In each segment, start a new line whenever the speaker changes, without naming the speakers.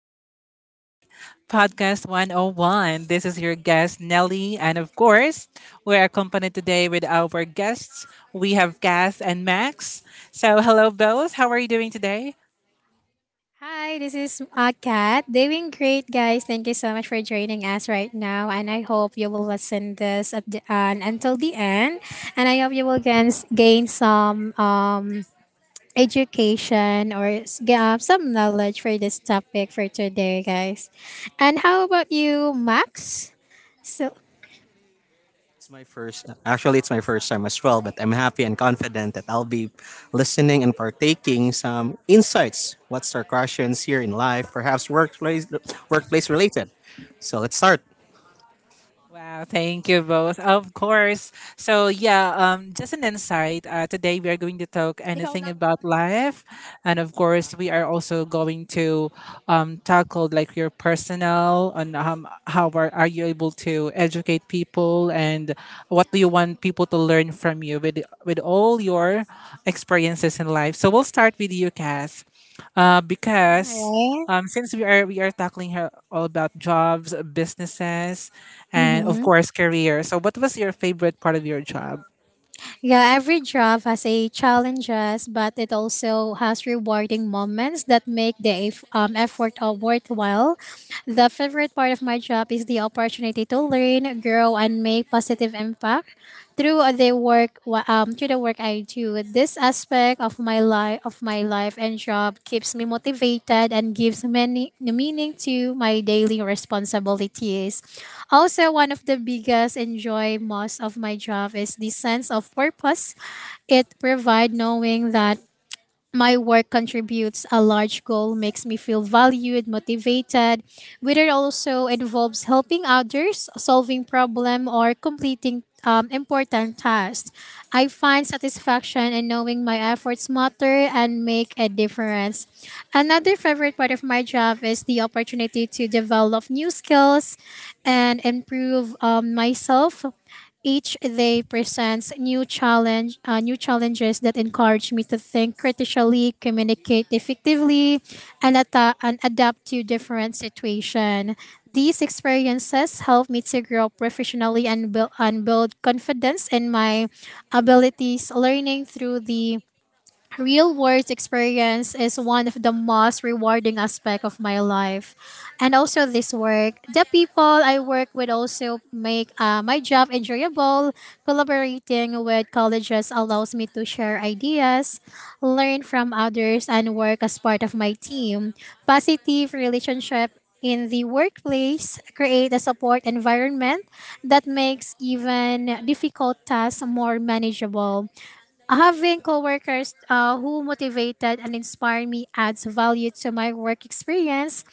to HTTP Podcast 101. This is your guest, Nelly. And of course, we're accompanied today with our guests. We have Cass and Max. So, hello, Bells. How are you doing today?
Hi, this is Kat. Doing great, guys. Thank you so much for joining us right now, and I hope you will listen this at until the end, and I hope you will gain some education or some knowledge for this topic for today, guys. And how about you, Max? So,
It's my first, actually, it's my first time as well, but I'm happy and confident that I'll be listening and partaking some insights. What's our questions here in life, perhaps workplace, workplace related. So let's start.
Wow, thank you both. Of course. So yeah, just an insight. Today we are going to talk
ikaw na
anything
mo to ba?
about life. And of course we are also going to tackle like your personal and how are you able to educate people and what do you want people to learn from you with all your experiences in life. So we'll start with you, Cass. Because since we are tackling here all about jobs, businesses, and of
Right?
course career. So what was your favorite part of your job?
Yeah, every job has a challenges, but it also has rewarding moments that make the effort worthwhile. The favorite part of my job is the opportunity to learn, grow, and make positive impact through the through the work I do. This aspect of my life and job keeps me motivated and gives many meaning to my daily responsibilities. Also, one of the biggest enjoy most of my job is the sense of purpose it provides knowing that my work contributes a large goal makes me feel valued motivated whether also involves helping others solving problem or completing important tasks. I find satisfaction in knowing my efforts matter and make a difference. Another favorite part of my job is the opportunity to develop new skills and improve myself. Each day presents new challenges that encourage me to think critically, communicate effectively, and adapt to different situation. These experiences help me to grow professionally and build confidence in my abilities. Learning through the real world experience is one of the most rewarding aspect of my life. And also this work, the people I work with also make my job enjoyable. Collaborating with colleges allows me to share ideas, learn from others and work as part of my team. Positive relationship in the workplace create a support environment that makes even difficult tasks more manageable. Having coworkers who motivated and inspired me adds value to my work experience.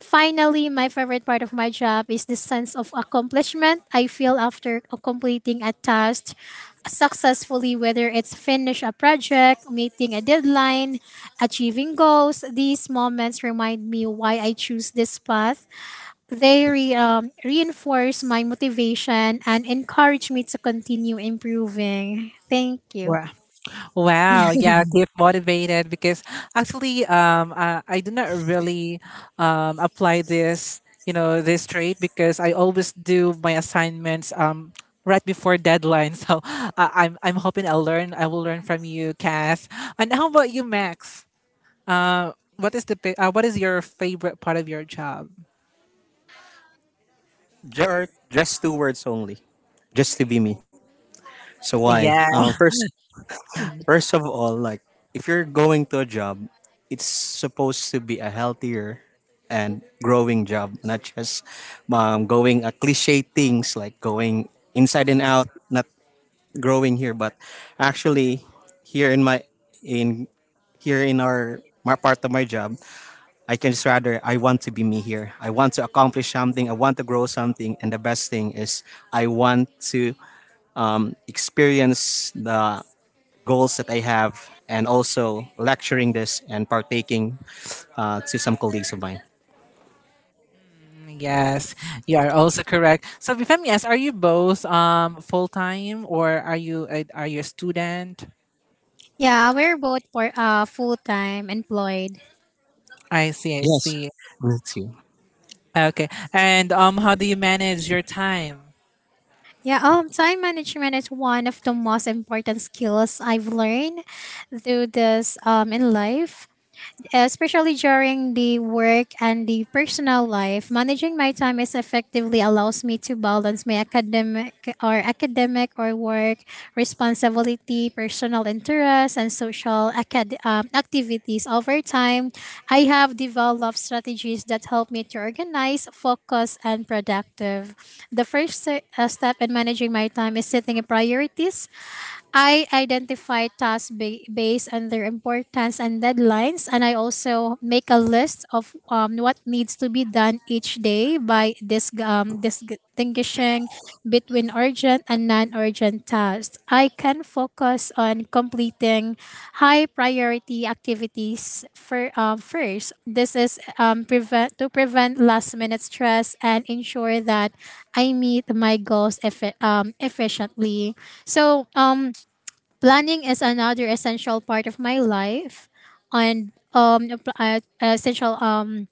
Finally, my favorite part of my job is the sense of accomplishment I feel after completing a task successfully, whether it's finish a project, meeting a deadline, achieving goals. These moments remind me why I choose this path. They reinforce my motivation and encourage me to continue improving. Thank you.
Wow. Wow. Yeah. Keep motivated because actually, I do not really apply this, you know, this trait because I always do my assignments right before deadline. So I'm hoping I'll learn. I will learn from you, Cass. And how about you, Max? What is what is your favorite part of your job?
Just two words only, just to be me. So why?
Yeah.
First, first of all, like if you're going to a job, it's supposed to be a healthier and growing job, not just going a cliche things like going inside and out, not growing here, but actually here in my in here in our my part of my job, I can just rather I want to be me here. I want to accomplish something. I want to grow something, and the best thing is I want to experience the goals that I have, and also lecturing this and partaking to some colleagues of mine.
Mm, yes, you are also correct. So, if I'm yes, are you both full time or are are you a student?
Yeah, we're both for full-time employed.
I see, I
Yes,
see.
me too.
Okay, and how do you manage your time?
Yeah, time management is one of the most important skills I've learned through this in life. Especially during the work and the personal life, managing my time is effectively allows me to balance my academic or work responsibility, personal interests, and social activities. Over time, I have developed strategies that help me to organize, focus, and productive. The first step in managing my time is setting priorities. I identify tasks based on their importance and deadlines, and I also make a list of what needs to be done each day by distinguishing between urgent and non urgent tasks. I can focus on completing high priority activities for, first. This is prevent to prevent last minute stress and ensure that I meet my goals efficiently. So, planning is another essential part of my life and essential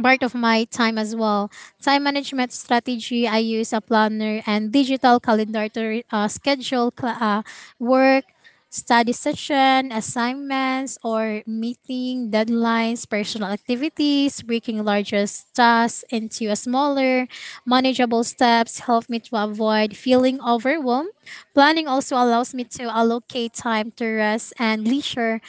part of my time as well. Time management strategy, I use a planner and digital calendar to schedule work, study session, assignments, or meeting deadlines, personal activities, breaking larger tasks into a smaller, manageable steps help me to avoid feeling overwhelmed. Planning also allows me to allocate time to rest and leisure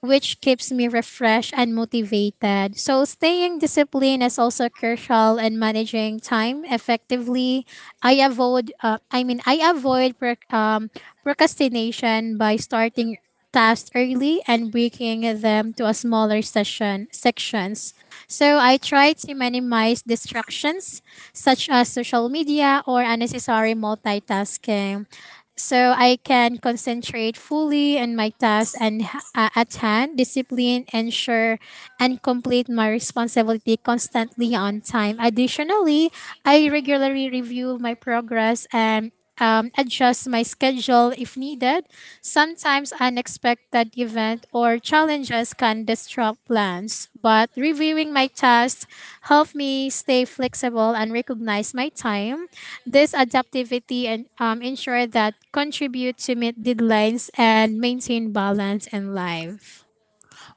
which keeps me refreshed and motivated. So, staying disciplined is also crucial in managing time effectively. I mean, I avoid procrastination by starting tasks early and breaking them to a smaller session sections. So, I try to minimize distractions such as social media or unnecessary multitasking so I can concentrate fully on my tasks and at hand, discipline, ensure, and complete my responsibility constantly on time. Additionally, I regularly review my progress and adjust my schedule if needed. Sometimes unexpected events or challenges can disrupt plans, but reviewing my tasks helped me stay flexible and recognize my time. This adaptivity and ensure that contribute to meet deadlines and maintain balance in life.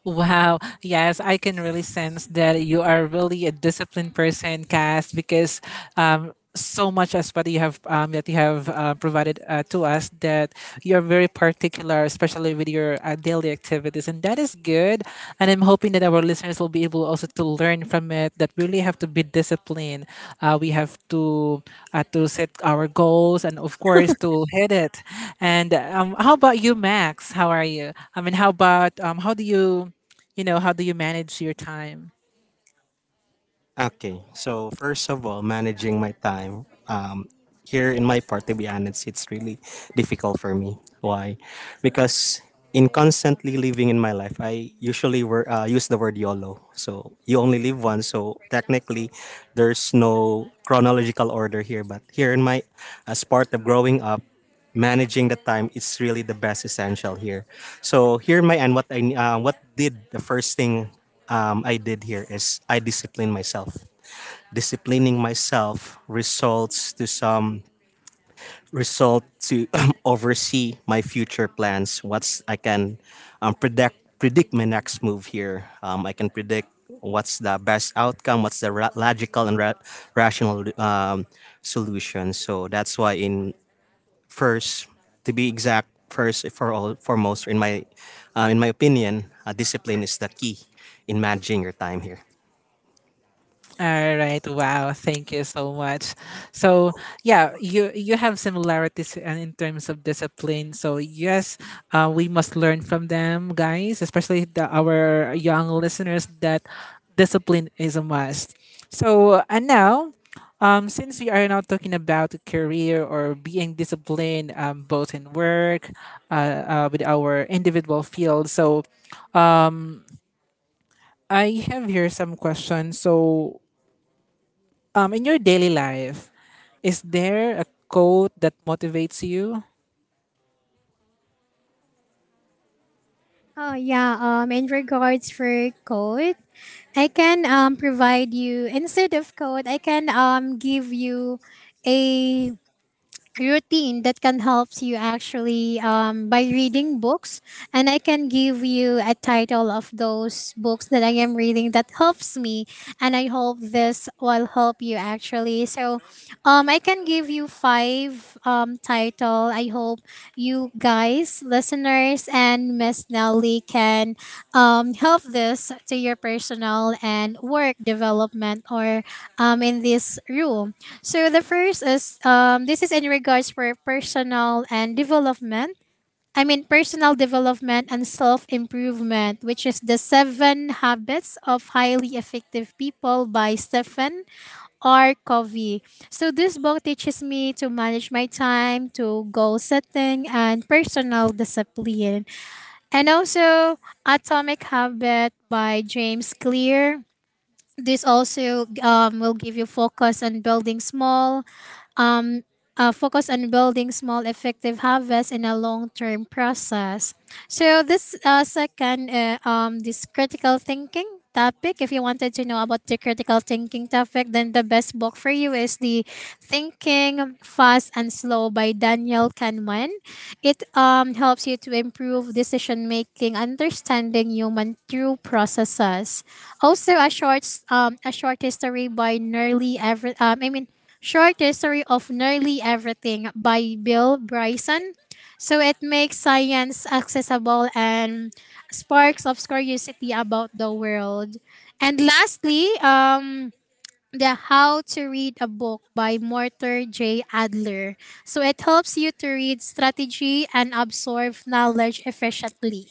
Wow. Yes, I can really sense that you are really a disciplined person, Cass, because so much as what you have that you have provided to us that you're very particular, especially with your daily activities, and that is good. And I'm hoping that our listeners will be able also to learn from it. That we really have to be disciplined. We have to set our goals and of course to hit it. And how about you, Max? How are you? I mean, how about how do you? You know, how do you manage your time?
Okay, so first of all, managing my time. Here in my part, to be honest, it's really difficult for me. Why? Because in constantly living in my life, I usually use the word YOLO. So you only live once. So technically, there's no chronological order here. But here in my, as part of growing up, managing the time is really the best essential here. So here my and what I what did the first thing I did here is I disciplined myself. Disciplining myself results to some result to oversee my future plans. What's I can predict my next move here. I can predict what's the best outcome what's the logical and rational solution so that's why in first, to be exact, first for all foremost in my opinion, discipline is the key in managing your time here.
All right, wow, thank you so much. So yeah, you have similarities in terms of discipline, so yes, we must learn from them guys, especially our young listeners, that discipline is a must. So and now since we are now talking about career or being disciplined both in work uh, with our individual field. So I have here some questions. So, um, in your daily life, is there a quote that motivates you?
Oh yeah, in regards for code, I can provide you. Instead of code, I can give you a routine that can help you actually by reading books, and I can give you a title of those books that I am reading that helps me, and I hope this will help you actually. So I can give you five title. I hope you guys listeners and Miss Nelly can help this to your personal and work development or in this room. So the first is this is in regards for personal and development. I mean personal development and self improvement, which is The Seven Habits of Highly Effective People by Stephen R. Covey. So this book teaches me to manage my time, to goal setting and personal discipline. And also Atomic Habit by James Clear. This also will give you focus on building small um, effective harvests in a long-term process. So this second this critical thinking topic, if you wanted to know about the critical thinking topic, then the best book for you is the Thinking, Fast and Slow by Daniel Kahneman. It helps you to improve decision making understanding human through processes. Also a short history by nearly every I mean, Short History of Nearly Everything by Bill Bryson. So it makes science accessible and sparks of curiosity about the world. And lastly, the How to Read a Book by Mortar J. Adler. So it helps you to read strategy and absorb knowledge efficiently.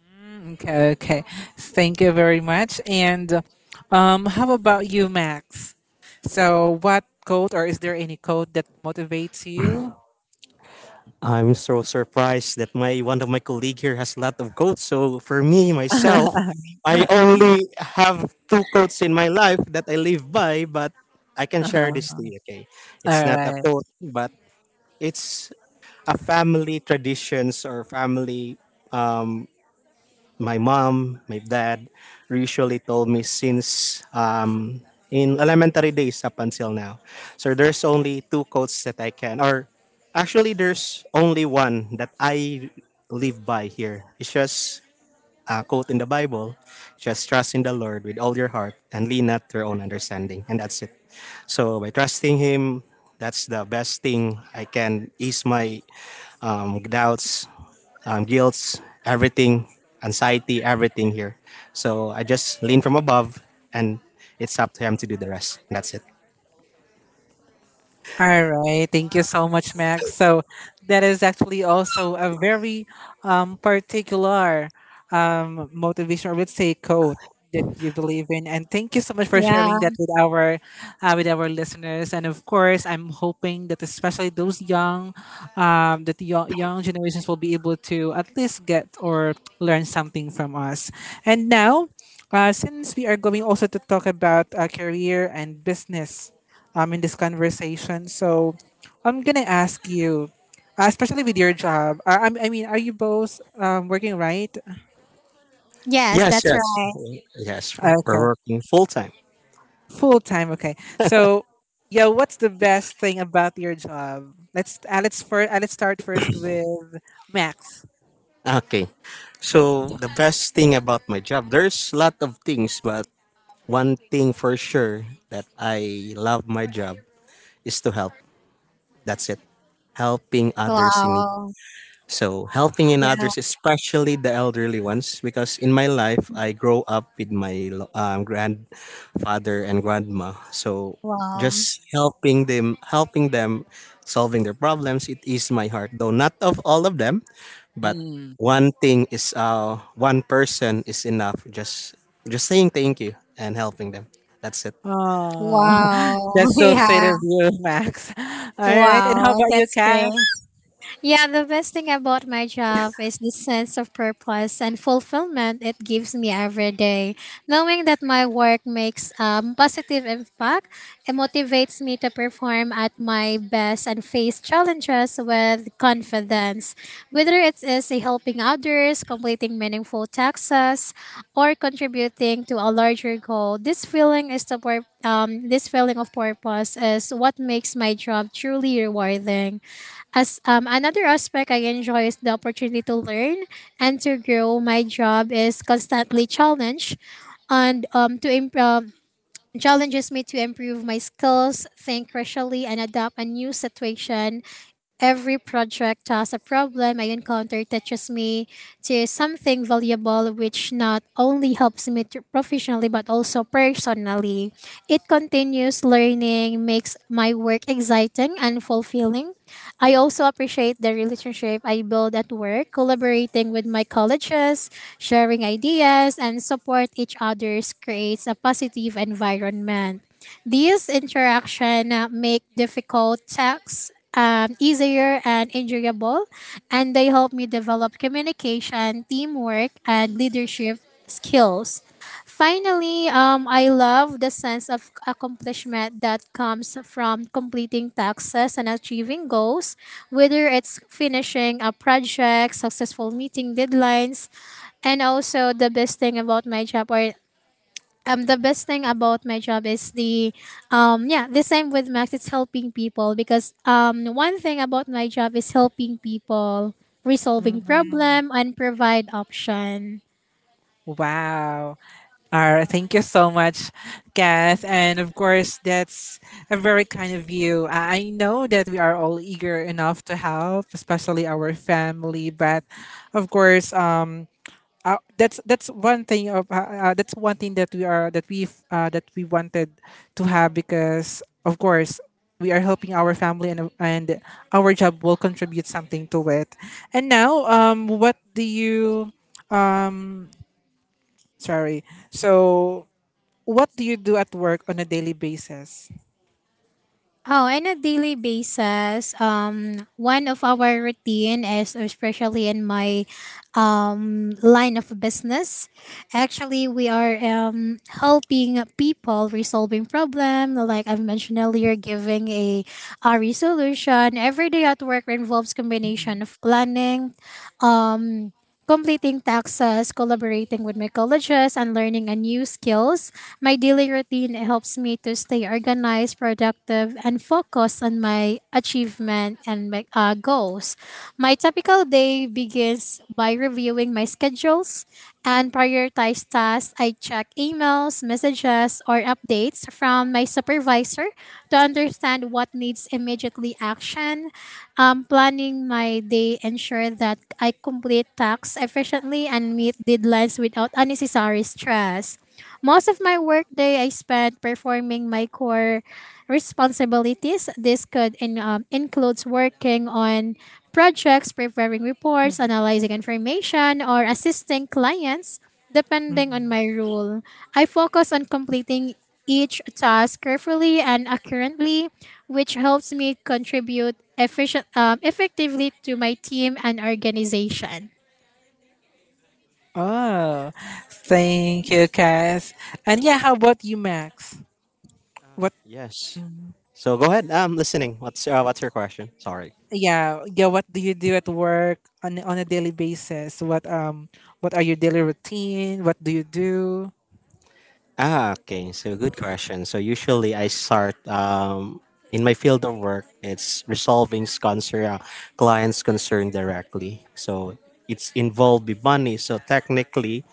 Mm, okay, okay. Thank you very much. And how about you, Max? So, what quote or is there any quote that motivates you?
I'm so surprised that my one of my colleague here has a lot of coats. So for me myself, I
Uh-huh.
only have two coats in my life that I live by, but I can share this
All
to you. Okay, it's not a
right.
quote, but it's a family traditions or family my mom, my dad usually told me since in elementary days up until now. So there's only two quotes that I can, or actually there's only one that I live by here. It's just a quote in the Bible, just trust in the Lord with all your heart and lean not to your own understanding. And that's it. So by trusting Him, that's the best thing I can ease my doubts, guilt, everything, anxiety, everything here. So I just lean from above, and it's up to him to do the rest. That's it.
All right. Thank you so much, Max. So that is actually also a very particular motivation, or let's say code that you believe in. And thank you so much for
Yeah.
sharing that with our listeners. And of course, I'm hoping that especially those young that the young generations will be able to at least get or learn something from us. And now, since we are going also to talk about career and business in this conversation. So I'm gonna ask you, especially with your job. I mean, are you both working right?
Yes,
Yes,
that's
yes,
right.
yes. We're
Okay,
working full time.
full time. Okay, so yeah, what's the best thing about your job? Let's start first with Max.
Okay. So the best thing about my job, there's a lot of things, but one thing for sure that I love my job is to help. That's it. Helping
Wa-
others in need. So, helping in others, especially the elderly ones, because in my life, I grow up with my grandfather and grandma. So, just helping them solving their problems, it eased my heart. Though not of all of them, but
Mm.
one thing is, one person is enough. Just saying thank you and helping them. That's it.
Oh,
Wow.
that's so sweet of
Yeah.
you, Max. All right, and how
Wow.
about you,
That's great.
Cass?
Yeah, the best thing about my job is the sense of purpose and fulfillment it gives me every day. Knowing that my work makes positive impact, it motivates me to perform at my best and face challenges with confidence. Whether it is a helping others, completing meaningful tasks, or contributing to a larger goal, this feeling of purpose is what makes my job truly rewarding. As another aspect I enjoy is the opportunity to learn and to grow. My job is constantly challenged and challenges me to improve my skills, think rationally, and adapt a new situation. Every project has a problem I encounter teaches me to something valuable, which not only helps me to professionally but also personally. It continues learning, makes my work exciting and fulfilling. I also appreciate the relationship I build at work, collaborating with my colleagues, sharing ideas, and support each other's creates a positive environment. These interaction make difficult tasks easier and enjoyable, and they help me develop communication, teamwork, and leadership skills. Finally, I love the sense of accomplishment that comes from completing tasks and achieving goals, whether it's finishing a project, successful meeting deadlines, and also the best thing about my job is the yeah, the same with Max, it's helping people, because one thing about my job is helping people resolving
Mm.
problem and provide option.
Wow. All right, thank you so much, Kath. And of course, that's a very kind of you. I know that we are all eager enough to help, especially our family. But of course, that's one thing of that's one thing that we are that we wanted to have, because of course we are helping our family and our job will contribute something to it. And now, what do you? Sorry, so. What do you do at work on a daily basis?
Oh, on a daily basis, one of our routine is especially in my line of business. Actually, we are helping people resolving problem. Like I mentioned earlier, giving a resolution every day at work involves
Mm-mm,
combination of planning, um, completing taxes, collaborating with my colleagues, and learning a new skills. My daily routine helps me to stay organized, productive, and focused on my achievement and my goals. My typical day begins by reviewing my schedules and prioritize tasks. I check emails, messages, or updates from my supervisor to understand what needs immediately action. Planning my day ensure that I complete tasks efficiently and meet deadlines without unnecessary stress. Most of my workday I spent performing my core responsibilities. This could includes working on projects, preparing reports, analyzing information, or assisting clients, depending on
mm-mm.
my role. I focus on completing each task carefully and accurately, which helps me contribute effectively to my team and organization.
Oh, thank you, Cass. And yeah, how about you, Max? What?
Yes. So go ahead. I'm listening. What's your question? Sorry.
Yeah, yeah. What do you do at work on a daily basis? What are your daily routine? What do you do?
Ah, okay. So good question. So usually I start in my field of work. It's resolving concern, clients' concern directly. So it's involved with money. So technically,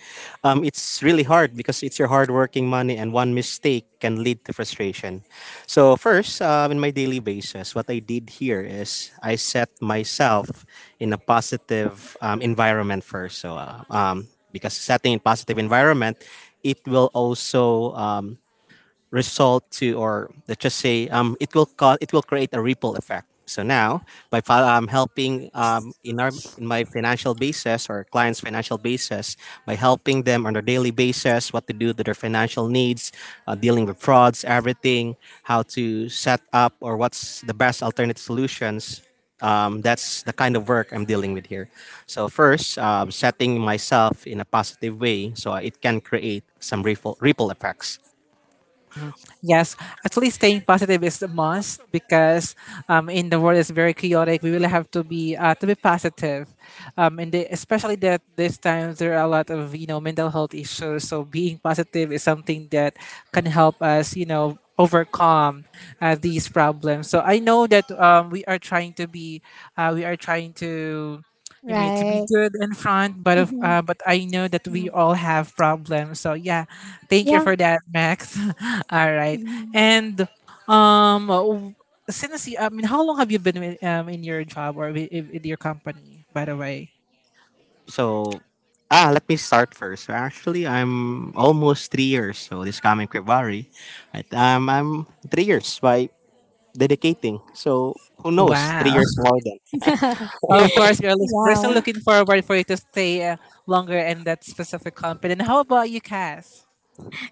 it's really hard because it's your hardworking money, and one mistake can lead to frustration. So first, in my daily basis, what I did here is I set myself in a positive environment first. So because setting in positive environment it will also result to or let's just say it will cause it will create a ripple effect so now by helping in our in my financial basis or clients financial basis by helping them on a daily basis what to do to their financial needs dealing with frauds everything how to set up or what's the best alternative solutions, that's the kind of work I'm dealing with here. So first, setting myself in a positive way so it can create some ripple effects.
Yes, actually, staying positive is a must because in the world is very chaotic. We really have to be positive, and especially that these times there are a lot of, you know, mental health issues. So being positive is something that can help us, you know, overcome these problems. So I know that we are trying to be, we are trying to, you made to be
Right.
good in front,
Mhm.
but I know that
Yeah.
we all have problems. So yeah, thank you
Yeah.
for that, Max. All right.
Mhm.
And um w- since you, I mean, how long have you been with, in your job or with your company, by the way?
So, ah, let me start first. So actually, I'm almost 3 years. So this coming February, I'm 3 years by dedicating. So who knows?
Wow,
3 years more.
of course we're still
Yeah.
looking forward for you to stay longer in that specific company. And how about you, Cass?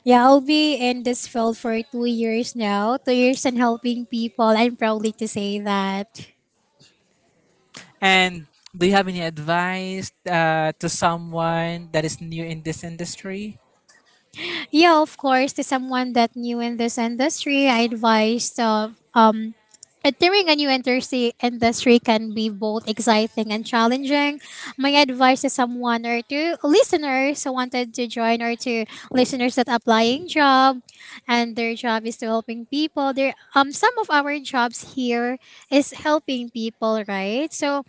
Yeah, I'll be in this field for 2 years now. 2 years and helping people. I'm proudly to say that.
And do you have any advice to someone that is new in this industry?
Yeah, of course, to someone that new in this industry, I advised of entering a new industry can be both exciting and challenging. My advice to someone or to listeners who wanted to join or to listeners that applying job and their job is to helping people. There some of our jobs here is helping people, right? So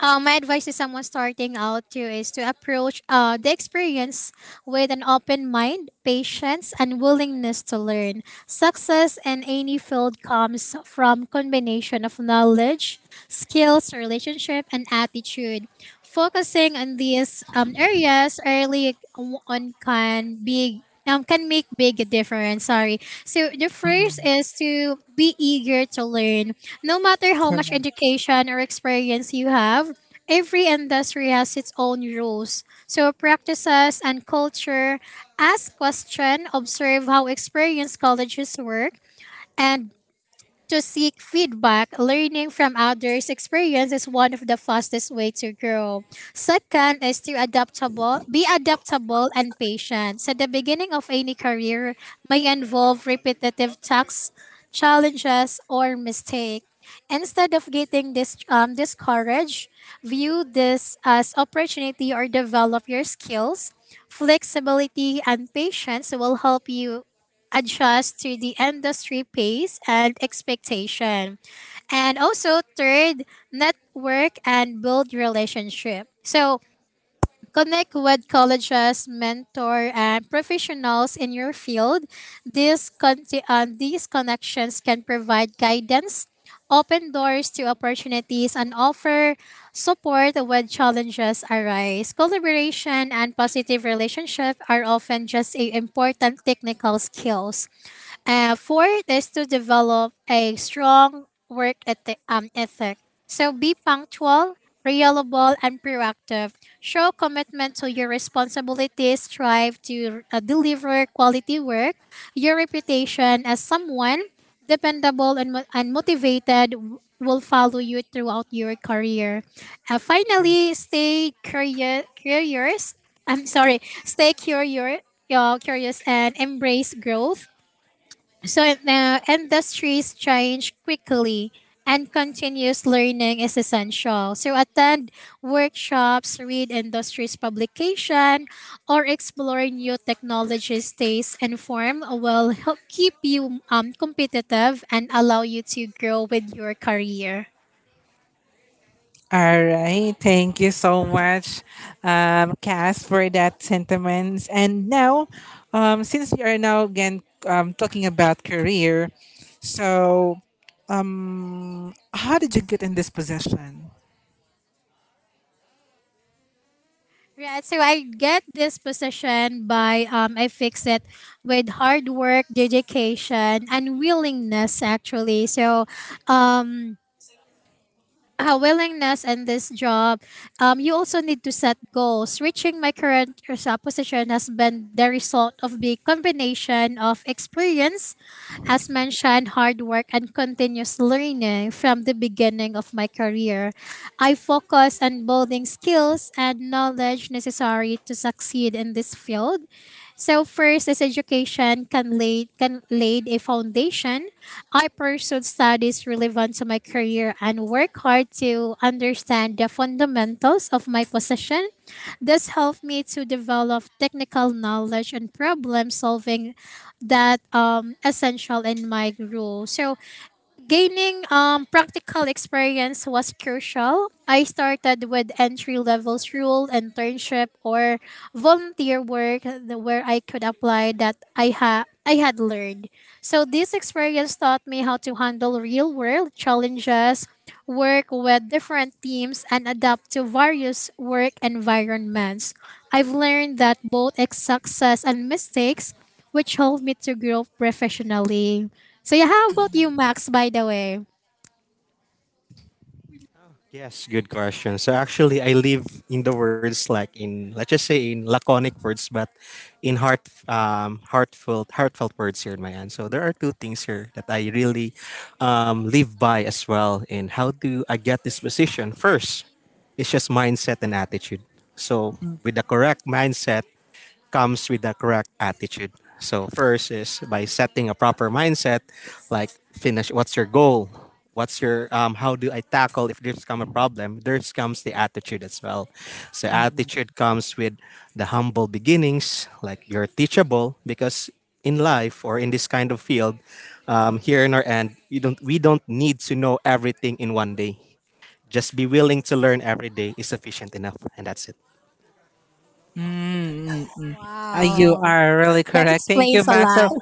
my advice to someone starting out too is to approach the experience with an open mind, patience, and willingness to learn. Success in any field comes from combination of knowledge, skills, relationship, and attitude. Focusing on these areas early on can be can make big difference. Sorry. So the first
Mhm.
is to be eager to learn no matter how much education or experience you have, every industry has its own rules. So practices and culture, ask question, observe how experienced colleges work, and to seek feedback, learning from others' experience is one of the fastest way to grow. Second is to adaptable, be adaptable and patient. So the beginning of any career may involve repetitive tasks, challenges, or mistake. Instead of getting this discouraged, view this as opportunity or develop your skills. Flexibility and patience will help you adjust to the industry pace and expectation. And also third, network and build relationship. So connect with colleges, mentor and professionals in your field. These connections can provide guidance, open doors to opportunities and offer support when challenges arise. Collaboration and positive relationship are often just a important technical skills. Fourth is to develop a strong work ethic. So be punctual, reliable, and proactive. Show commitment to your responsibilities. Strive to deliver quality work. Your reputation as someone dependable and motivated will follow you throughout your career. Finally, curious. I'm sorry, stay curious, curious and embrace growth. So now industries change quickly and continuous learning is essential. So attend workshops, read industry's publication, or explore new technologies. Stays informed will help keep you competitive and allow you to grow with your career.
All right. Thank you so much, Cass, for that sentiments. And now, since we are now again talking about career, so how did you get in this position?
Right, so I get this position by I fix it with hard work, dedication, and willingness actually. So, um, willingness and this job, you also need to set goals. Reaching my current position has been the result of the combination of experience, as mentioned, hard work, and continuous learning from the beginning of my career. I focus on building skills and knowledge necessary to succeed in this field. So first is education can laid a foundation. I pursued studies relevant to my career and work hard to understand the fundamentals of my position. This helped me to develop technical knowledge and problem solving that essential in my role. So gaining practical experience was crucial. I started with entry level role, internship, or volunteer work where I could apply that I had learned. So this experience taught me how to handle real world challenges, work with different teams, and adapt to various work environments. I've learned that both success and mistakes, which helped me to grow professionally. So, yeah, how about you, Max, by the way?
Yes, good question. So actually, I live in the words like in let's just say in laconic words, but in heart, heartfelt, heartfelt words here in my end. So there are two things here that I really live by as well. And how do I get this position? First, it's just mindset and attitude. So
Mm,
with the correct mindset, comes with the correct attitude. So first is by setting a proper mindset, like finish. What's your goal? What's your um? How do I tackle if there's come a problem? There's comes the attitude as well. So
mm, mm.
attitude comes with the humble beginnings, like you're teachable because in life or in this kind of field, here in our end, you don't we don't need to know everything in one day. Just be willing to learn every day is sufficient enough, and that's it.
Mm-mm. You
Wow.
are really
That
correct. Thank you,
explains a
Max. So
lot,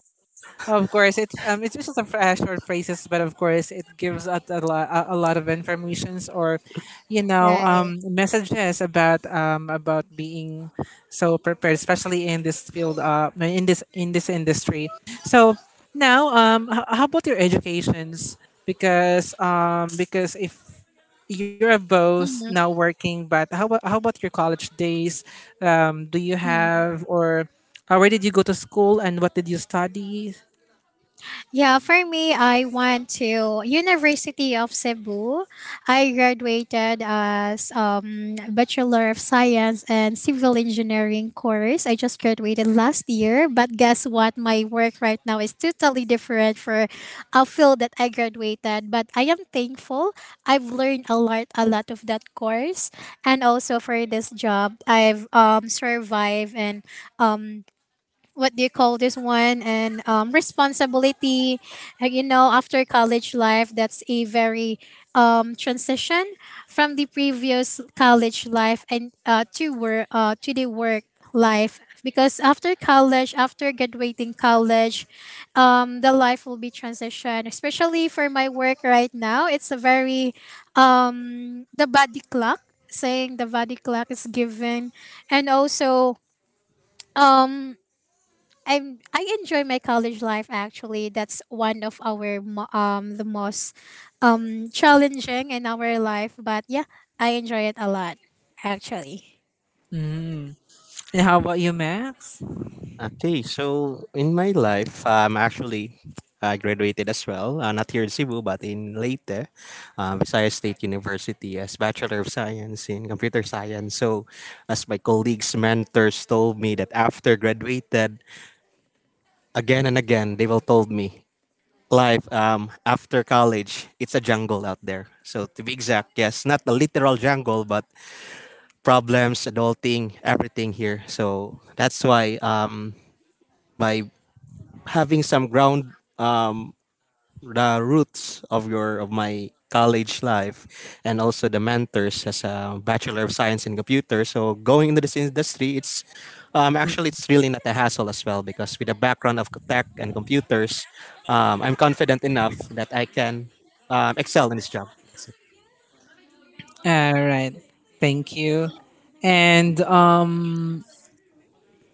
of course, it's just some short phrases, but of course, it gives out a lot a lot of informations or, you know,
right?
messages about being so prepared, especially in this field, in this industry. So now, how about your educations? Because if you're both now working, but how about your college days? Do you
Mhm.
have or where did you go to school and what did you study?
Yeah, for me, I went to University of Cebu. I graduated as Bachelor of Science and Civil Engineering course. I just graduated last year, but guess what? My work right now is totally different for a field that I graduated. But I am thankful. I've learned a lot of that course, and also for this job, I've survived and um, what do you call this one and responsibility. You know after college life, that's a very transition from the previous college life and to the work life, because after college, after graduating college, the life will be transition, especially for my work right now. It's a very the body clock, saying the body clock is given, and also um I enjoy my college life actually. That's one of our the most challenging in our life, but yeah, I enjoy it a lot actually.
Mm. And how about you, Max?
Okay, so in my life, I'm actually I graduated as well, not here in Cebu, but in Leyte, Visayas State University, as Bachelor of Science in Computer Science. So, as my colleagues, mentors told me that after graduated, again and again, they will told me life after college, it's a jungle out there. So to be exact, yes, not a literal jungle, but problems, adulting, everything here. So that's why by having some ground the roots of your of my college life and also the mentors as a bachelor of science in computer so going into this industry it's actually it's really not a hassle as well because with a background of tech and computers, I'm confident enough that I can excel in this job.
All right. Thank you. And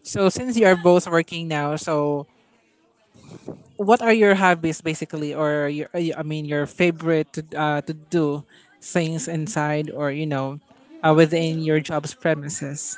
so since you are both working now, so what are your hobbies basically, or your, I mean, your favorite to do things inside or, you know, within your job's premises?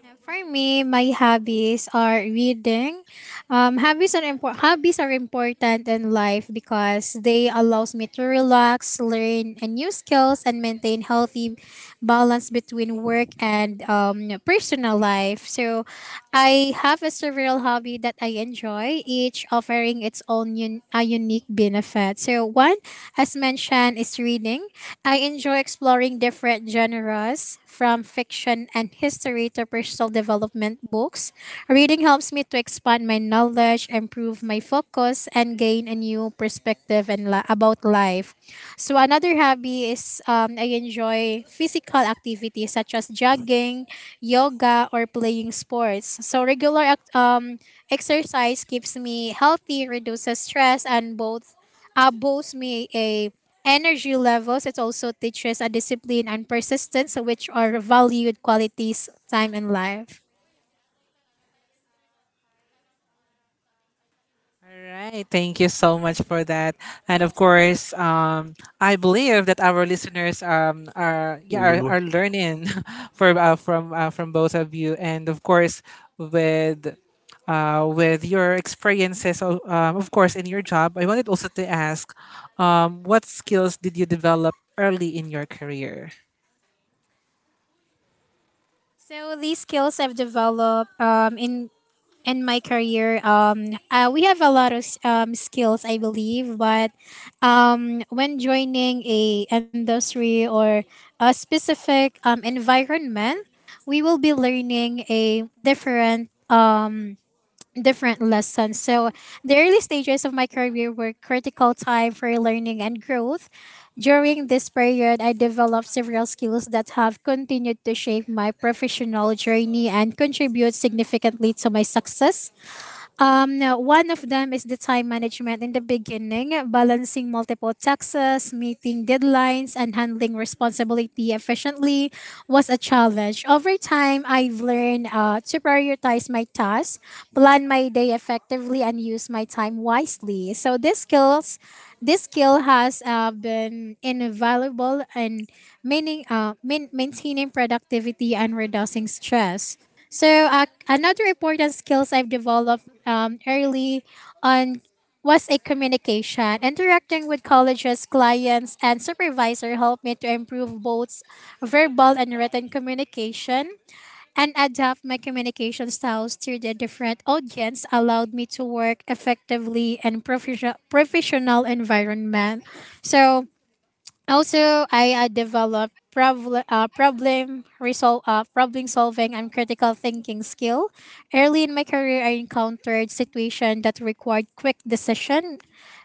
For me, my hobbies are reading. Hobbies are important in life because they allows me to relax, learn and new skills, and maintain healthy balance between work and personal life. So, I have a several hobby that I enjoy, each offering its a unique benefit. So, one, as mentioned, is reading. I enjoy exploring different genres, from fiction and history to personal development books. Reading helps me to expand my knowledge, improve my focus, and gain a new perspective and about life. So another hobby is I enjoy physical activities such as jogging, yoga, or playing sports. So exercise keeps me healthy, reduces stress, and both boasts me a energy levels. It also teaches a discipline and persistence, which are valued qualities time in life.
All right, thank you so much for that. And of course, I believe that our listeners are, yeah,
Lulu.
are learning for from both of you, and of course with with your experiences, of course, in your job. I wanted also to ask, what skills did you develop early in your career?
So these skills I've developed in my career. We have a lot of skills, I believe, but when joining a industry or a specific environment, we will be learning a different lessons. So the early stages of my career were critical time for learning and growth. During this period, I developed several skills that have continued to shape my professional journey and contribute significantly to my success. Now, one of them is the time management. In the beginning, balancing multiple taxes, meeting deadlines, and handling responsibility efficiently was a challenge. Over time, I've learned to prioritize my tasks, plan my day effectively, and use my time wisely. So, this skill has been invaluable in maintaining productivity and reducing stress. So another important skills I've developed early on was a communication. Interacting with colleges, clients, and supervisor helped me to improve both verbal and written communication, and adapt my communication styles to the different audience allowed me to work effectively in professional environment. So also, I developed problem solving and critical thinking skill. Early in my career, I encountered situations that required quick decision.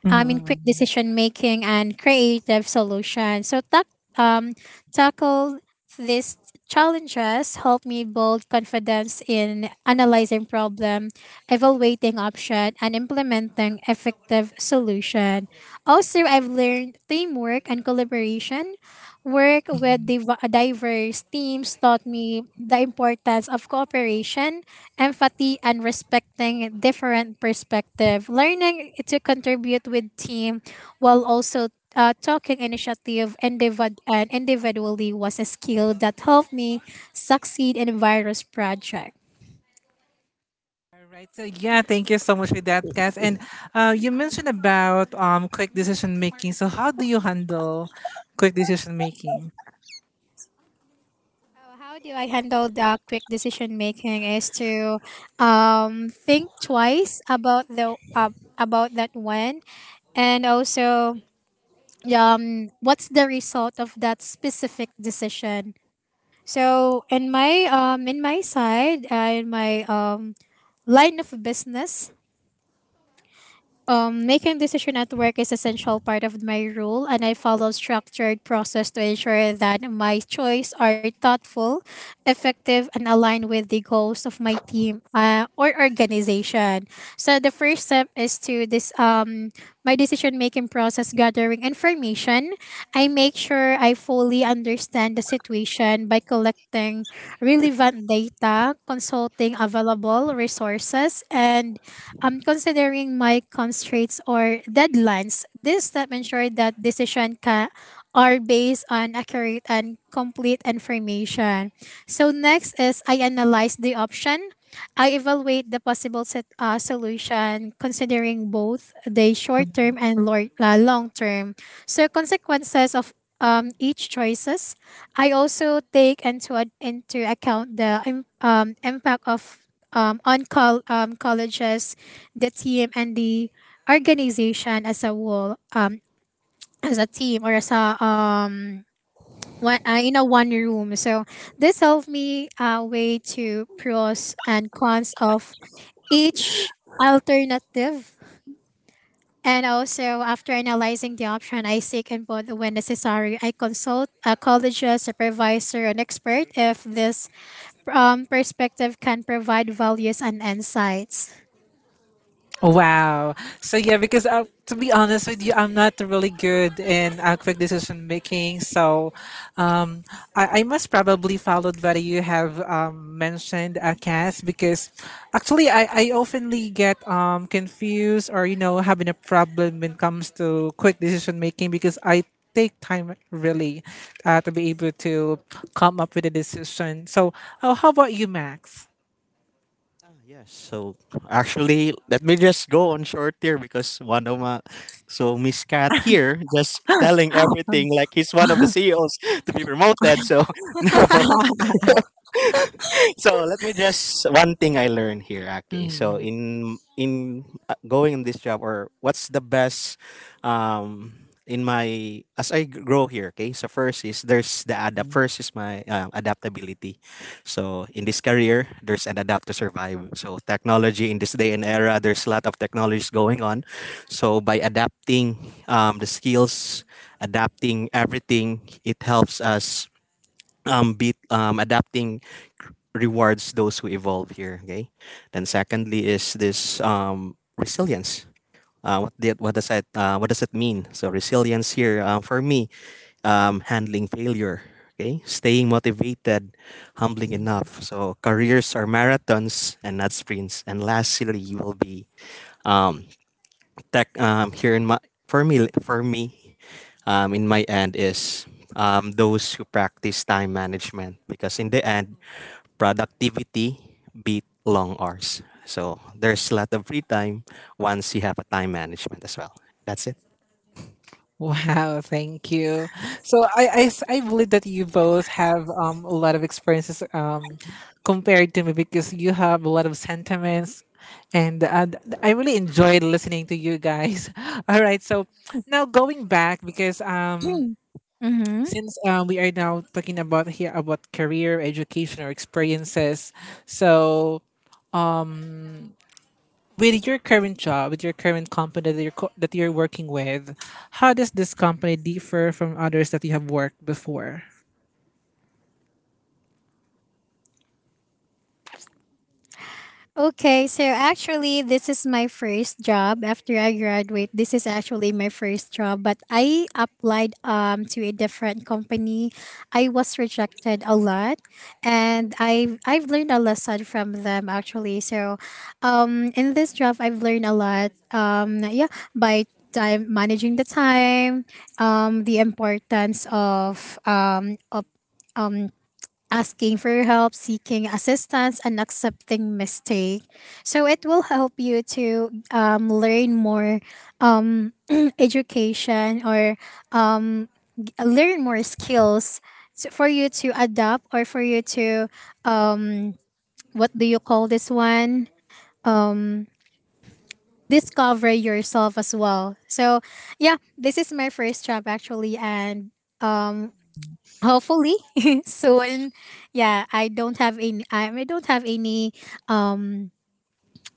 I mean, quick decision making and creative solutions. So that um, tackle these challenges helped me build confidence in analyzing problem, evaluating option, and implementing effective solution. Also, I've learned teamwork and collaboration. Work with diverse teams taught me the importance of cooperation, empathy, and respecting different perspective. Learning to contribute with team while also talking initiative individ- and individually was a skill that helped me succeed in various projects.
All right. So yeah, thank you so much for that, guys. And you mentioned about quick decision making. So how do you handle quick decision making?
Oh, how do I handle the quick decision making is to think twice about the about that one, and also what's the result of that specific decision. So in my side in my line of business. Making decision at work is essential part of my role, and I follow structured process to ensure that my choice are thoughtful, effective, and aligned with the goals of my team or organization. So the first step is to this my decision making process, gathering information. I make sure I fully understand the situation by collecting relevant data, consulting available resources, and considering my constraints or deadlines. This step ensures that are based on accurate and complete information. So next is I analyze the option. I evaluate the possible solution, considering both the short
Mm-hmm.
term and long term. So consequences of each choices. I also take into account the impact colleges, the team and the organization as a whole, as a team or as a one in a one room. So this helped me weigh to pros and cons of each alternative. And also, after analyzing the option, I seek input when necessary. I consult a collegiate supervisor, an expert, if this perspective can provide values and insights.
Wow. So yeah, because to be honest with you, I'm not really good in quick decision making. So um, I must probably follow what you have mentioned, Cass, because actually I oftenly get confused or, you know, having a problem when it comes to quick decision making, because I take time really to be able to come up with a decision. So how about you, Max?
Ah, yes. So actually, let me just go on short here because one of my so Miss Cat here just telling everything like he's one of the CEOs to be promoted. So now so let me just one thing I learned here. Okay, so
Mm.
in going in this job or what's the best um in my as grow here. Okay, so first is there's the adapt. First is my adaptability. So in this career, there's an adapt to survive. So technology in this day and era, there's a lot of technologies going on. So by adapting the skills, adapting everything, it helps us adapting rewards those who evolve here. Okay. Then secondly is this resilience. What does that what does it mean? So resilience here for me, handling failure. Okay, staying motivated, humbling enough. So careers are marathons and not sprints. And lastly, will be um, tech here in my for me in my end is those who practice time management because in the end productivity beat long hours so there's a lot of free time once you have a time management as well that's it.
Wow, thank you. So I believe that you both have a lot of experiences compared to me, because you have a lot of sentiments, and I really enjoyed listening to you guys. All right, so now going back, because
Mm-hmm.
since we are now talking about here about career, education, or experiences, so with your current job, with your current company that that you're working with, how does this company differ from others that you have worked before?
Okay, so actually, this is my first job after I graduate. This is actually my first job, but I applied to a different company. I was rejected a lot, and I've learned a lesson from them actually. So, in this job, I've learned a lot. Yeah, by time managing the time, the importance of um asking for help, seeking assistance, and accepting mistake. So it will help you to learn more um, education or um, learn more skills to, for you to adapt or for you to um, what do you call this one? Um, Discover yourself as well. So yeah, this is my first job actually, and um, hopefully soon. Yeah, I don't have any um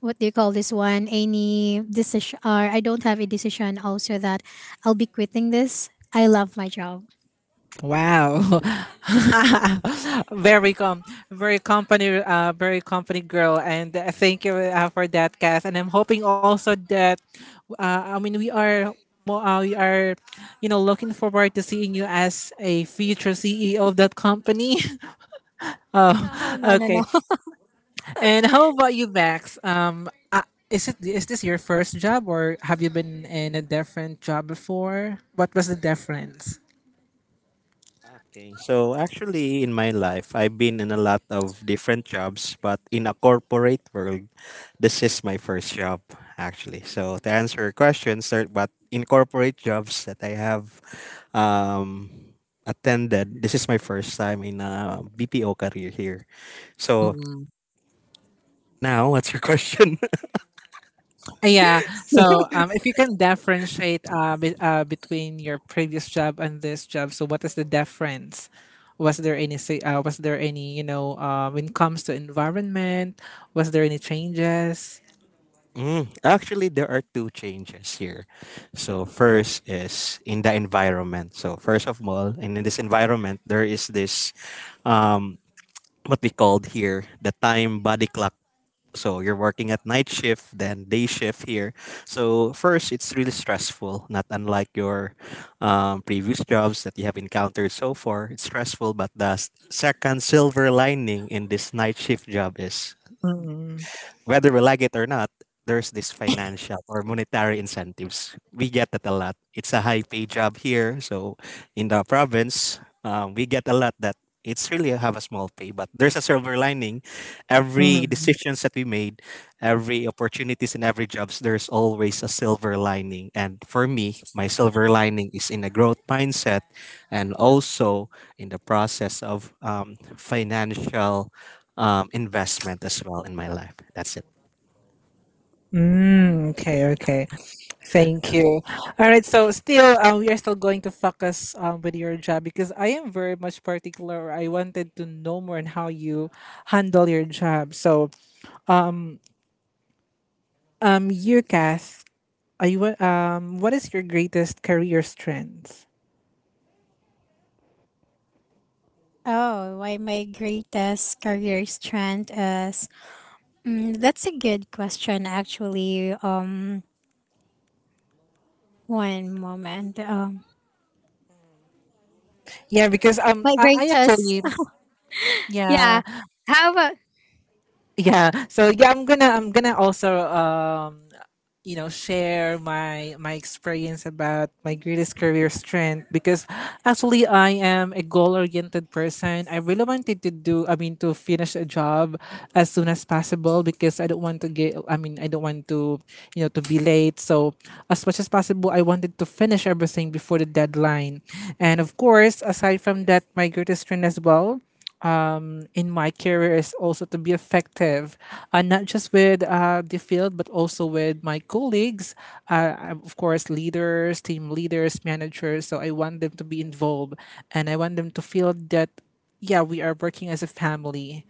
what do you call this, one any decision, or I don't have a decision also that I'll be quitting this. I love my job.
Wow, very com, very company girl, and thank you for that, Kath. And I'm hoping also that, I mean, we are, you know, looking forward to seeing you as a future CEO of that company. Oh,
No, no, no, no.
okay. And how about you, Max? Is it, is this your first job, or have you been in a different job before? What was the difference?
Okay, so actually, in my life, I've been in a lot of different jobs, but in a corporate world, this is my first job, actually. So to answer your question, sir, but in corporate jobs that I have um, attended, this is my first time in a BPO career here. So
Mm-mm.
now, what's your question?
Yeah. So, if you can differentiate between your previous job and this job, so what is the difference? Was there any say? Was there any, you know, when it comes to environment? Was there any changes?
Mm, actually, there are two changes here. So first is in the environment. So first of all, and in this environment, there is this um, what we called here the time body clock. So you're working at night shift, then day shift here. So first, it's really stressful, not unlike your previous jobs that you have encountered so far. It's stressful, but the second silver lining in this night shift job is
Mm-mm.
whether we like it or not, there's this financial or monetary incentives. We get that a lot. It's a high pay job here, so in the province, we get a lot that it's really have a small pay. But there's a silver lining. Every decisions that we made, every opportunities and every jobs, there's always a silver lining. And for me, my silver lining is in a growth mindset, and also in the process of financial investment as well in my life. That's it.
Mm, okay, okay. Thank you. All right, so still we are still going to focus with your job, because I am very much particular. I wanted to know more on how you handle your job. So, you, Kath, what is your greatest career strength?
Oh, why? My greatest career strength is that's a good question actually. One moment.
Yeah, because
My
I
greatest
actually, yeah,
yeah. How about
yeah, I'm gonna also share my experience about my greatest career strength. Because actually I am a goal oriented person. I really wanted to do, I mean to finish a job as soon as possible, because I don't want to get, I mean I don't want to, to be late. So as much as possible I wanted to finish everything before the deadline. And of course aside from that, my greatest strength as well in my career is also to be effective, not just with the field, but also with my colleagues, of course, leaders, team leaders, managers. So I want them to be involved, and I want them to feel that, yeah, we are working as a family.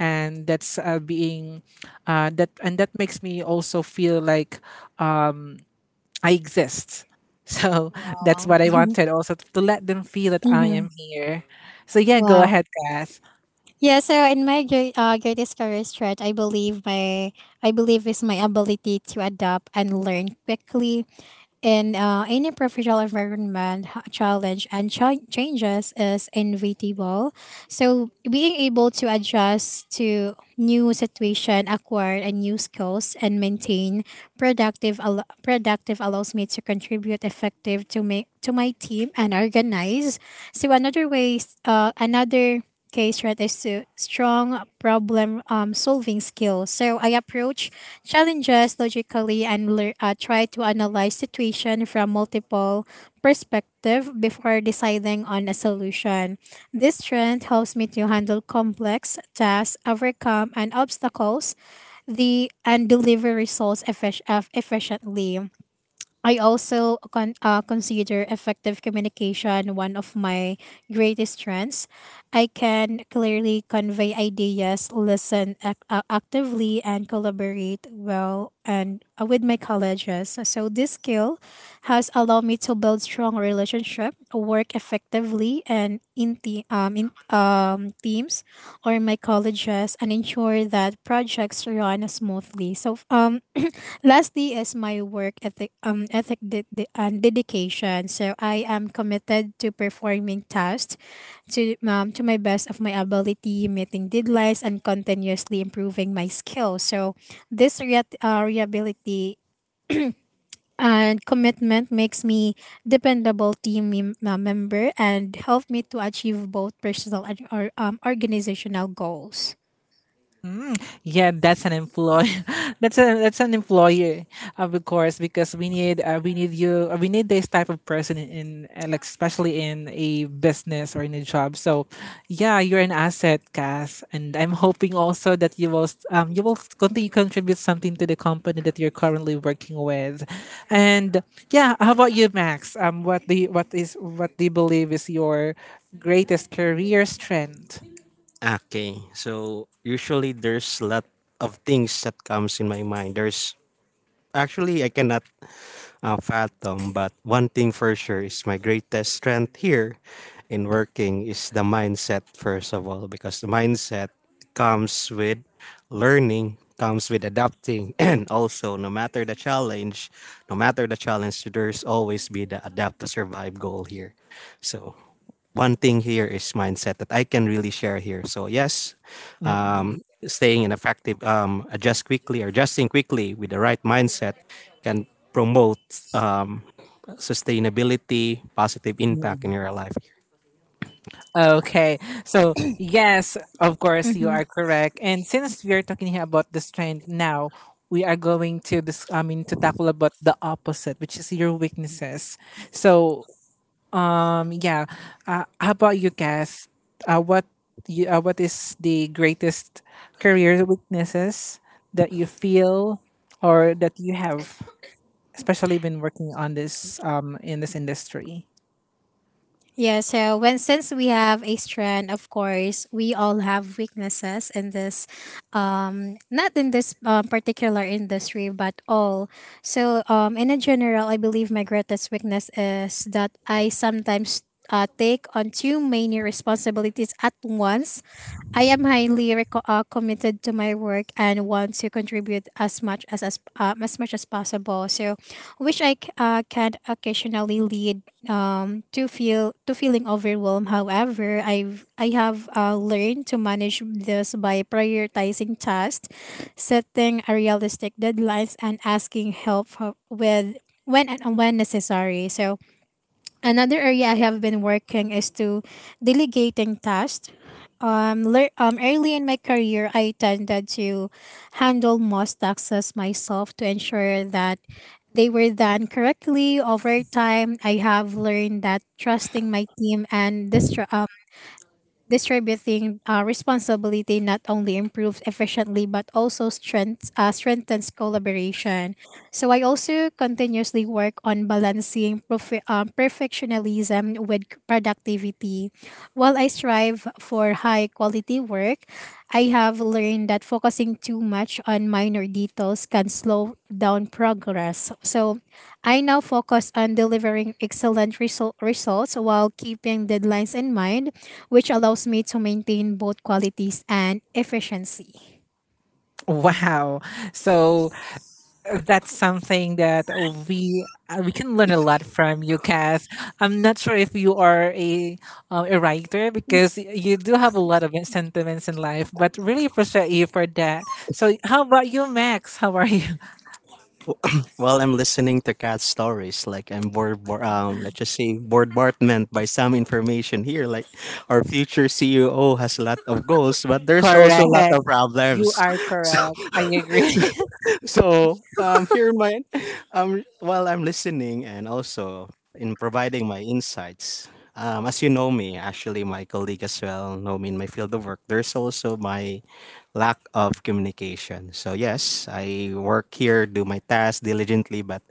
And that's being that, and that makes me also feel like I exist. So that's
wow.
what I wanted also to let them feel that I
Hmm.
am here. So yeah, go
Wow.
ahead, Kath.
Yeah, so in my greatest career stretch, I believe my I believe is my ability to adapt and learn quickly in any professional environment. Challenge and changes is inevitable, so being able to adjust to new situation, acquire a new skills, and maintain productive allows me to contribute effective to my team and organize. So another ways, another case right is to strong problem solving skills. So I approach challenges logically and try to analyze situation from multiple perspective before deciding on a solution. This strength helps me to handle complex tasks, overcome and obstacles the and deliver results efficiently. I also consider effective communication one of my greatest strengths. I can clearly convey ideas, listen actively, and collaborate well and with my colleagues. So this skill has allowed me to build strong relationship, work effectively, and in te- in teams or my colleges, and ensure that projects run smoothly. Lastly is my work ethic, ethic de- de- and dedication. So I am committed to performing tasks to my best of my ability, meeting deadlines, and continuously improving my skills. So this reliability and commitment makes me dependable team member and help me to achieve both personal and organizational goals.
Yeah, that's an employ. That's an employer, of course, because we need you, we need this type of person in, like especially in a business or in a job. So, yeah, you're an asset, Cass, and I'm hoping also that you will continue contribute something to the company that you're currently working with, and yeah, how about you, Max? What do you, what is, what do you believe is your greatest career strength?
Okay, so usually there's a lot of things that comes in my mind. There's actually I cannot fathom, but one thing for sure is my greatest strength here in working is the mindset, first of all, because the mindset comes with learning, comes with adapting, and also no matter the challenge, there's always be the adapt to survive goal here. So one thing here is mindset that I can really share here. So yes,
Mm-mm.
staying in effective, adjust quickly with the right mindset can promote um, sustainability, positive impact in your life.
Okay, so yes, of course, you are correct. And since we are talking here about this trend now, we are going to this. I mean, to tackle about the opposite, which is your weaknesses. So, yeah, how about you guys? Uh, what what is the greatest career weaknesses that you feel or that you have, especially when working on this in this industry?
Yeah, so when since we have a strand, of course, we all have weaknesses in this not in this particular industry but all. So in a general, I believe my greatest weakness is that I sometimes take on too many responsibilities at once. I am highly committed to my work and want to contribute as much as as much as possible. So, which I can occasionally lead to feeling overwhelmed. However, I have learned to manage this by prioritizing tasks, setting a realistic deadlines, and asking help with when and when necessary. So another area I have been working is to delegating tasks. Early in my career, I tended to handle most tasks myself to ensure that they were done correctly. Over time, I have learned that trusting my team and this distributing responsibility not only improves efficiently but also strengthens collaboration. So I also continuously work on balancing perfectionism with productivity. While I strive for high quality work, I have learned that focusing too much on minor details can slow down progress. So I now focus on delivering results while keeping deadlines in mind, which allows me to maintain both qualities and efficiency.
Wow. So that's something that we can learn a lot from you, Cass. I'm not sure if you are a writer, because you do have a lot of sentiments in life, but really appreciate you for that. So, how about you, Max? How are you?
While I'm listening to cat stories, like I'm bored let's just say bombardment by some information here. Like our future CEO has a lot of goals, but there's also a lot
Correct.
of
You
problems.
are correct. I agree.
So here in my while I'm listening and also in providing my insights. As you know me, actually my colleague as well know me in my field of work. There's also my lack of communication. So yes, I work here, do my tasks diligently, but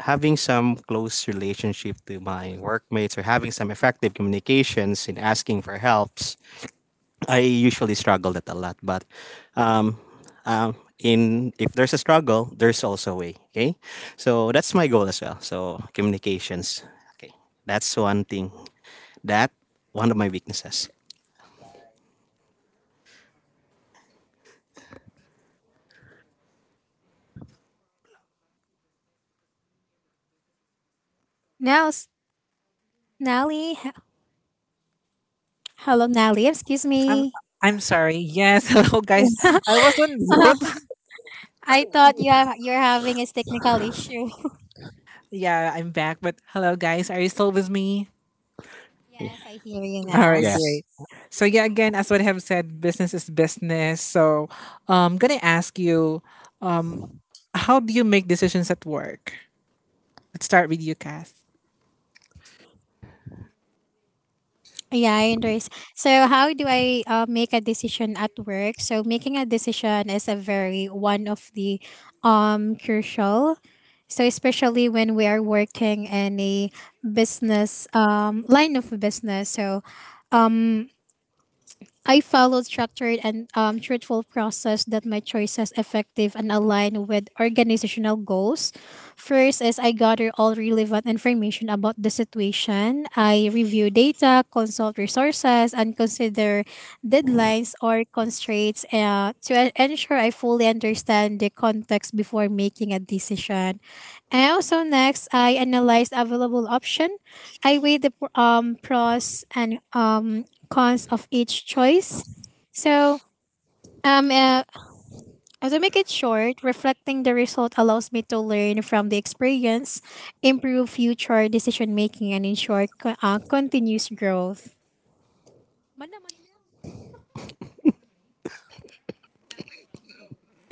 having some close relationship to my workmates or having some effective communications in asking for helps I usually struggle that a lot, but um, in if there's a struggle, there's also a way. Okay, so that's my goal as well. So communications. Okay, that's one thing that one of my weaknesses.
Now, s- Nelly, h- Hello, Nelly, excuse
I'm
me.
I'm sorry. Yes. Hello, guys. I was on mute.
I thought you have, you're having a technical issue.
Yeah, I'm back. But hello, guys. Are you still with me?
Yes,
Y-
I hear you
All
now.
right,
Yes.
great. So yeah, again, as what I have said, business is business. So I'm gonna ask you, um, how do you make decisions at work? Let's start with you, Kath.
Yeah, I understand. So, how do I make a decision at work? So, making a decision is a very one of the crucial. So, especially when we are working in a business line of business. So, I followed structured and truthful process that my choices effective and align with organizational goals. First is I gather all relevant information about the situation. I review data, consult resources, and consider deadlines or constraints ensure I fully understand the context before making a decision. And also next, I analyze available option. I weigh the pros and cons of each choice. So, um, uh, to make it short, reflecting the result allows me to learn from the experience, improve future decision making, and ensure continuous growth.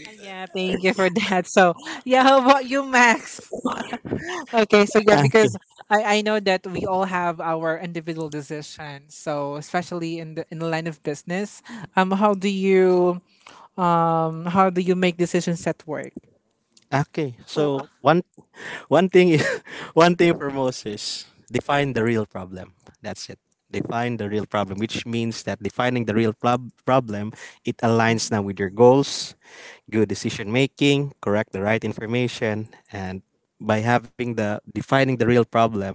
Yeah, thank you for that. So yeah, how about you, Max? Okay, so yeah,
Okay.
because I know that we all have our individual decisions. So especially in the line of business, um, how do you how do you make decisions at work?
Okay.
Oh,
So one thing is, one thing for Moses, define the real problem. That's it. Define the real problem, which means that defining the problem, it aligns now with your goals, good decision making, correct the right information, and by having the defining the real problem,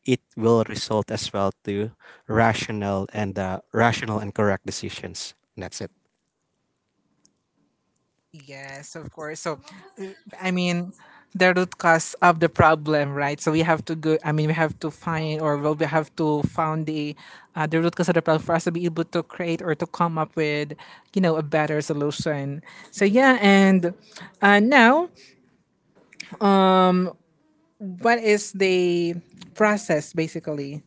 it will result as well to rational and correct decisions. And that's it.
yes, of course. So, uh, I mean, the root cause of the problem, right? So we have to go. I mean, we have to find, or well, we have to found the root cause of the problem for us to be able to create or to come up with, you know, a better solution. So yeah, and now, what is the process basically?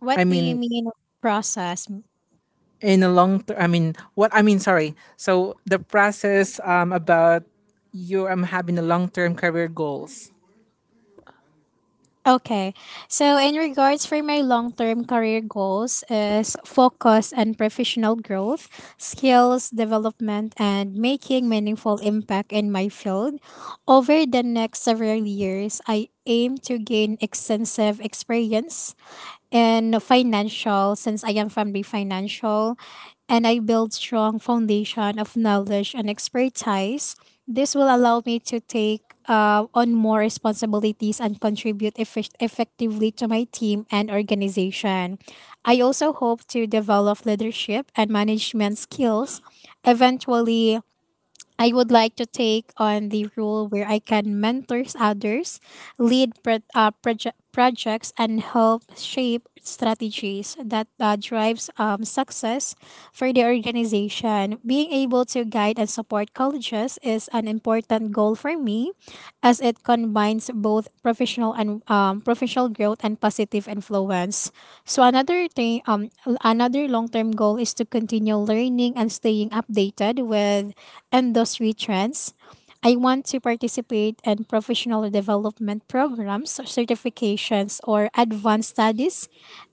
What
I
do you
mean,
mean process?
in a long term. I mean, what I mean, sorry. So the process about you having a long term career goals.
Okay. So in regards for my long-term career goals is focus on professional growth, skills development, and making meaningful impact in my field. Over the next several years, I aim to gain extensive experience in financial since I am family financial, and I build strong foundation of knowledge and expertise. This will allow me to take on more responsibilities and contribute effectively to my team and organization. I also hope to develop leadership and management skills. Eventually, I would like to take on the role where I can mentor others, lead projects, and help shape strategies that drives success for the organization. Being able to guide and support colleges is an important goal for me as it combines both professional and professional growth and positive influence. So another thing, another long-term goal is to continue learning and staying updated with industry trends. I want to participate in professional development programs, certifications, or advanced studies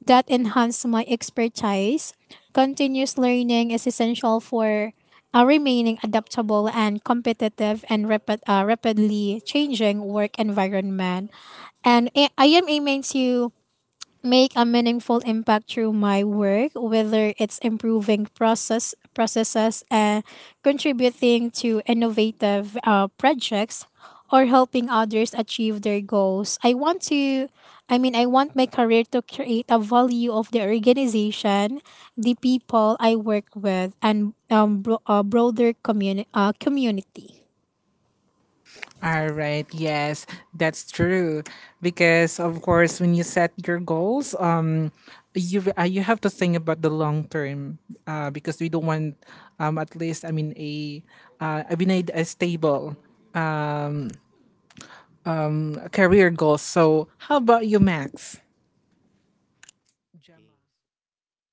that enhance my expertise. Continuous learning is essential for remaining adaptable and competitive and rapid, rapidly changing work environment. And I am aiming to make a meaningful impact through my work, whether it's improving processes and contributing to innovative projects or helping others achieve their goals. I want my career to create a value of the organization, the people I work with, and broader community.
All right, yes, that's true. Because of course, when you set your goals, you you have to think about the long term. Because we don't want, at least I mean we need a stable career goal. So how about you, Max?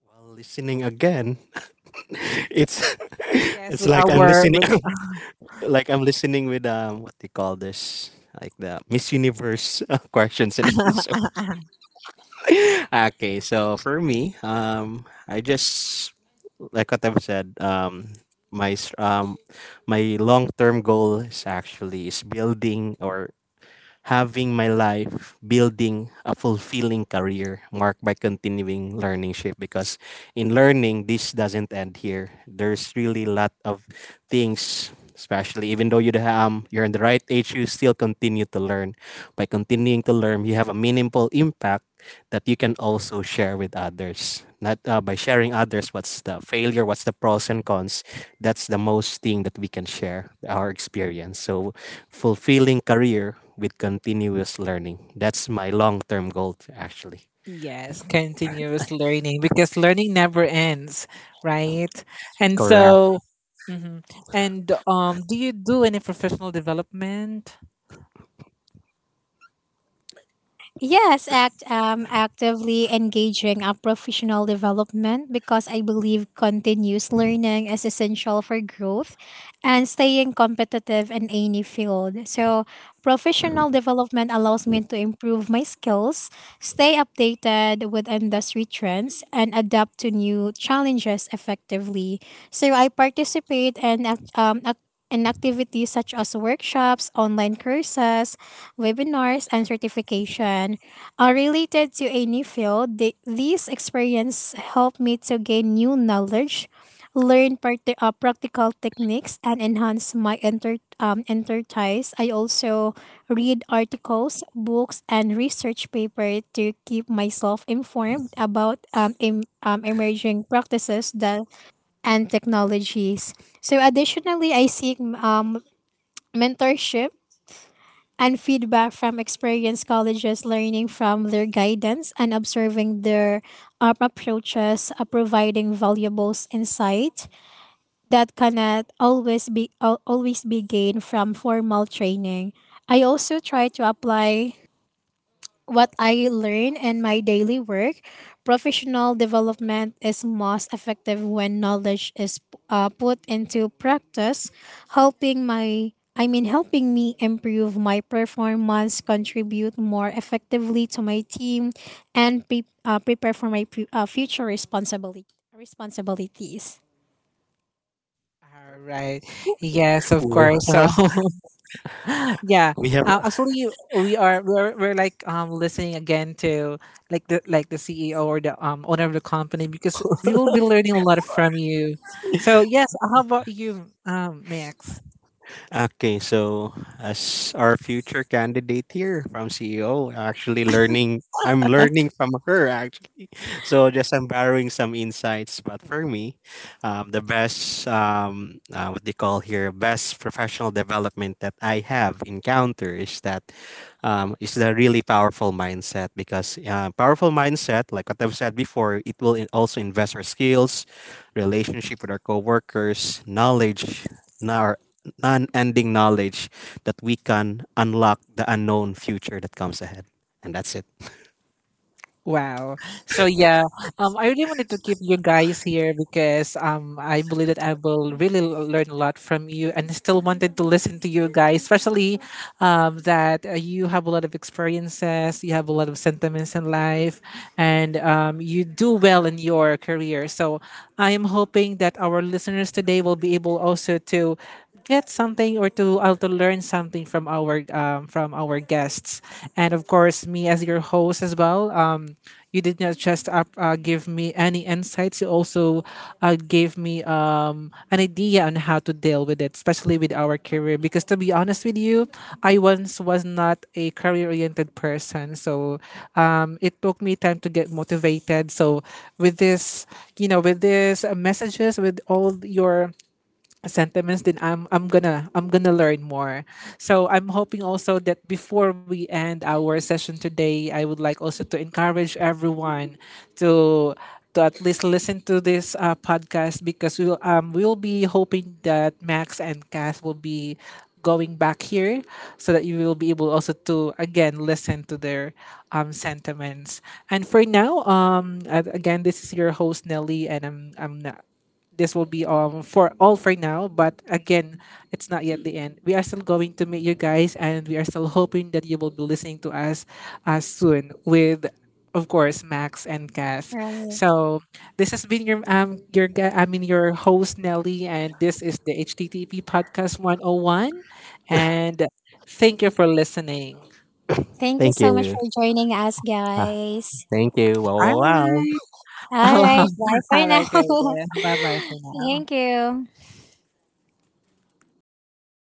While listening again, it's it's like I'm listening, like I'm listening with what they call this, like the Miss Universe questions and answers. Okay, so for me, I just like what I've said, my s- um, my long term goal is actually is building or having my life building a fulfilling career marked by continuing learning shape, because in learning this doesn't end here, there's really a lot of things, especially even though you're in the right age you still continue to learn. By continuing to learn you have a meaningful impact that you can also share with others, not by sharing others what's the failure, what's the pros and cons, that's the most thing that we can share our experience. So fulfilling career with continuous learning. That's my long-term goal actually.
Yes, continuous learning because learning never ends, right? And
Correct.
so, mhm. And do you do any professional development?
Yes, actively engaging a professional development because I believe continuous learning is essential for growth and staying competitive in any field. So, professional development allows me to improve my skills, stay updated with industry trends, and adapt to new challenges effectively. So, I participate in act- ac- and activities such as workshops, online courses, webinars, and certification. Related to a new field, the, these experience help me to gain new knowledge, learn parti practical techniques, and enhance my enterprise. I also read articles, books, and research paper to keep myself informed about emerging practices that and technologies. So, additionally, I seek mentorship and feedback from experienced colleges, learning from their guidance and observing their approaches, providing valuable insight that cannot always be al- always be gained from formal training. I also try to apply what I learn in my daily work. Professional development is most effective when knowledge is put into practice, helping me improve my performance, contribute more effectively to my team, and prepare for my pu- future responsibility responsibilities.
All
Perfect.
right. Yes, of
Cool.
course. So, yeah.
We have
Actually, we're like listening again to like the CEO or the owner of the company, because we will be learning a lot from you. So yes, how about you, Max?
okay. So as our future candidate here from CEO, actually learning, I'm learning from her actually. So just I'm borrowing some insights, but for me, the best what they call here best professional development that I have encountered is that is the really powerful mindset, because powerful mindset, like what I've said before, it will also invest our skills, relationship with our coworkers, knowledge, our non-ending knowledge that we can unlock the unknown future that comes ahead, and that's it.
Wow. So yeah, I really wanted to keep you guys here because I believe that I will really learn a lot from you, and still wanted to listen to you guys, especially that you have a lot of experiences, you have a lot of sentiments in life, and you do well in your career. So I am hoping that our listeners today will be able also to get something or to learn something from our guests, and of course me as your host as well. You did not just give me any insights, you also gave me an idea on how to deal with it, especially with our career. Because to be honest with you, I once was not a career oriented person. So it took me time to get motivated. So with this, with this messages, with all your sentiments, then I'm gonna learn more. So I'm hoping also that before we end our session today, I would like also to encourage everyone to to at least listen to this podcast, because we will be hoping that Max and Cass will be going back here, so that you will be able also to again listen to their sentiments. And for now, again, this is your host Nelly, and I'm this will be for all for now. But again, it's not yet the end. We are still going to meet you guys, and we are still hoping that you will be listening to us soon with. Of course, Max and Kath.
Right.
So this has been your I mean your host Nelly, and this is the HTTP Podcast 101, and thank you for listening.
Thank you
Thank
so much
you.
for joining us, guys.
Thank you. Wow,
All
wow, wow.
right.
All right, bye for
Have
now.
a great day. Bye bye for now.
Thank you.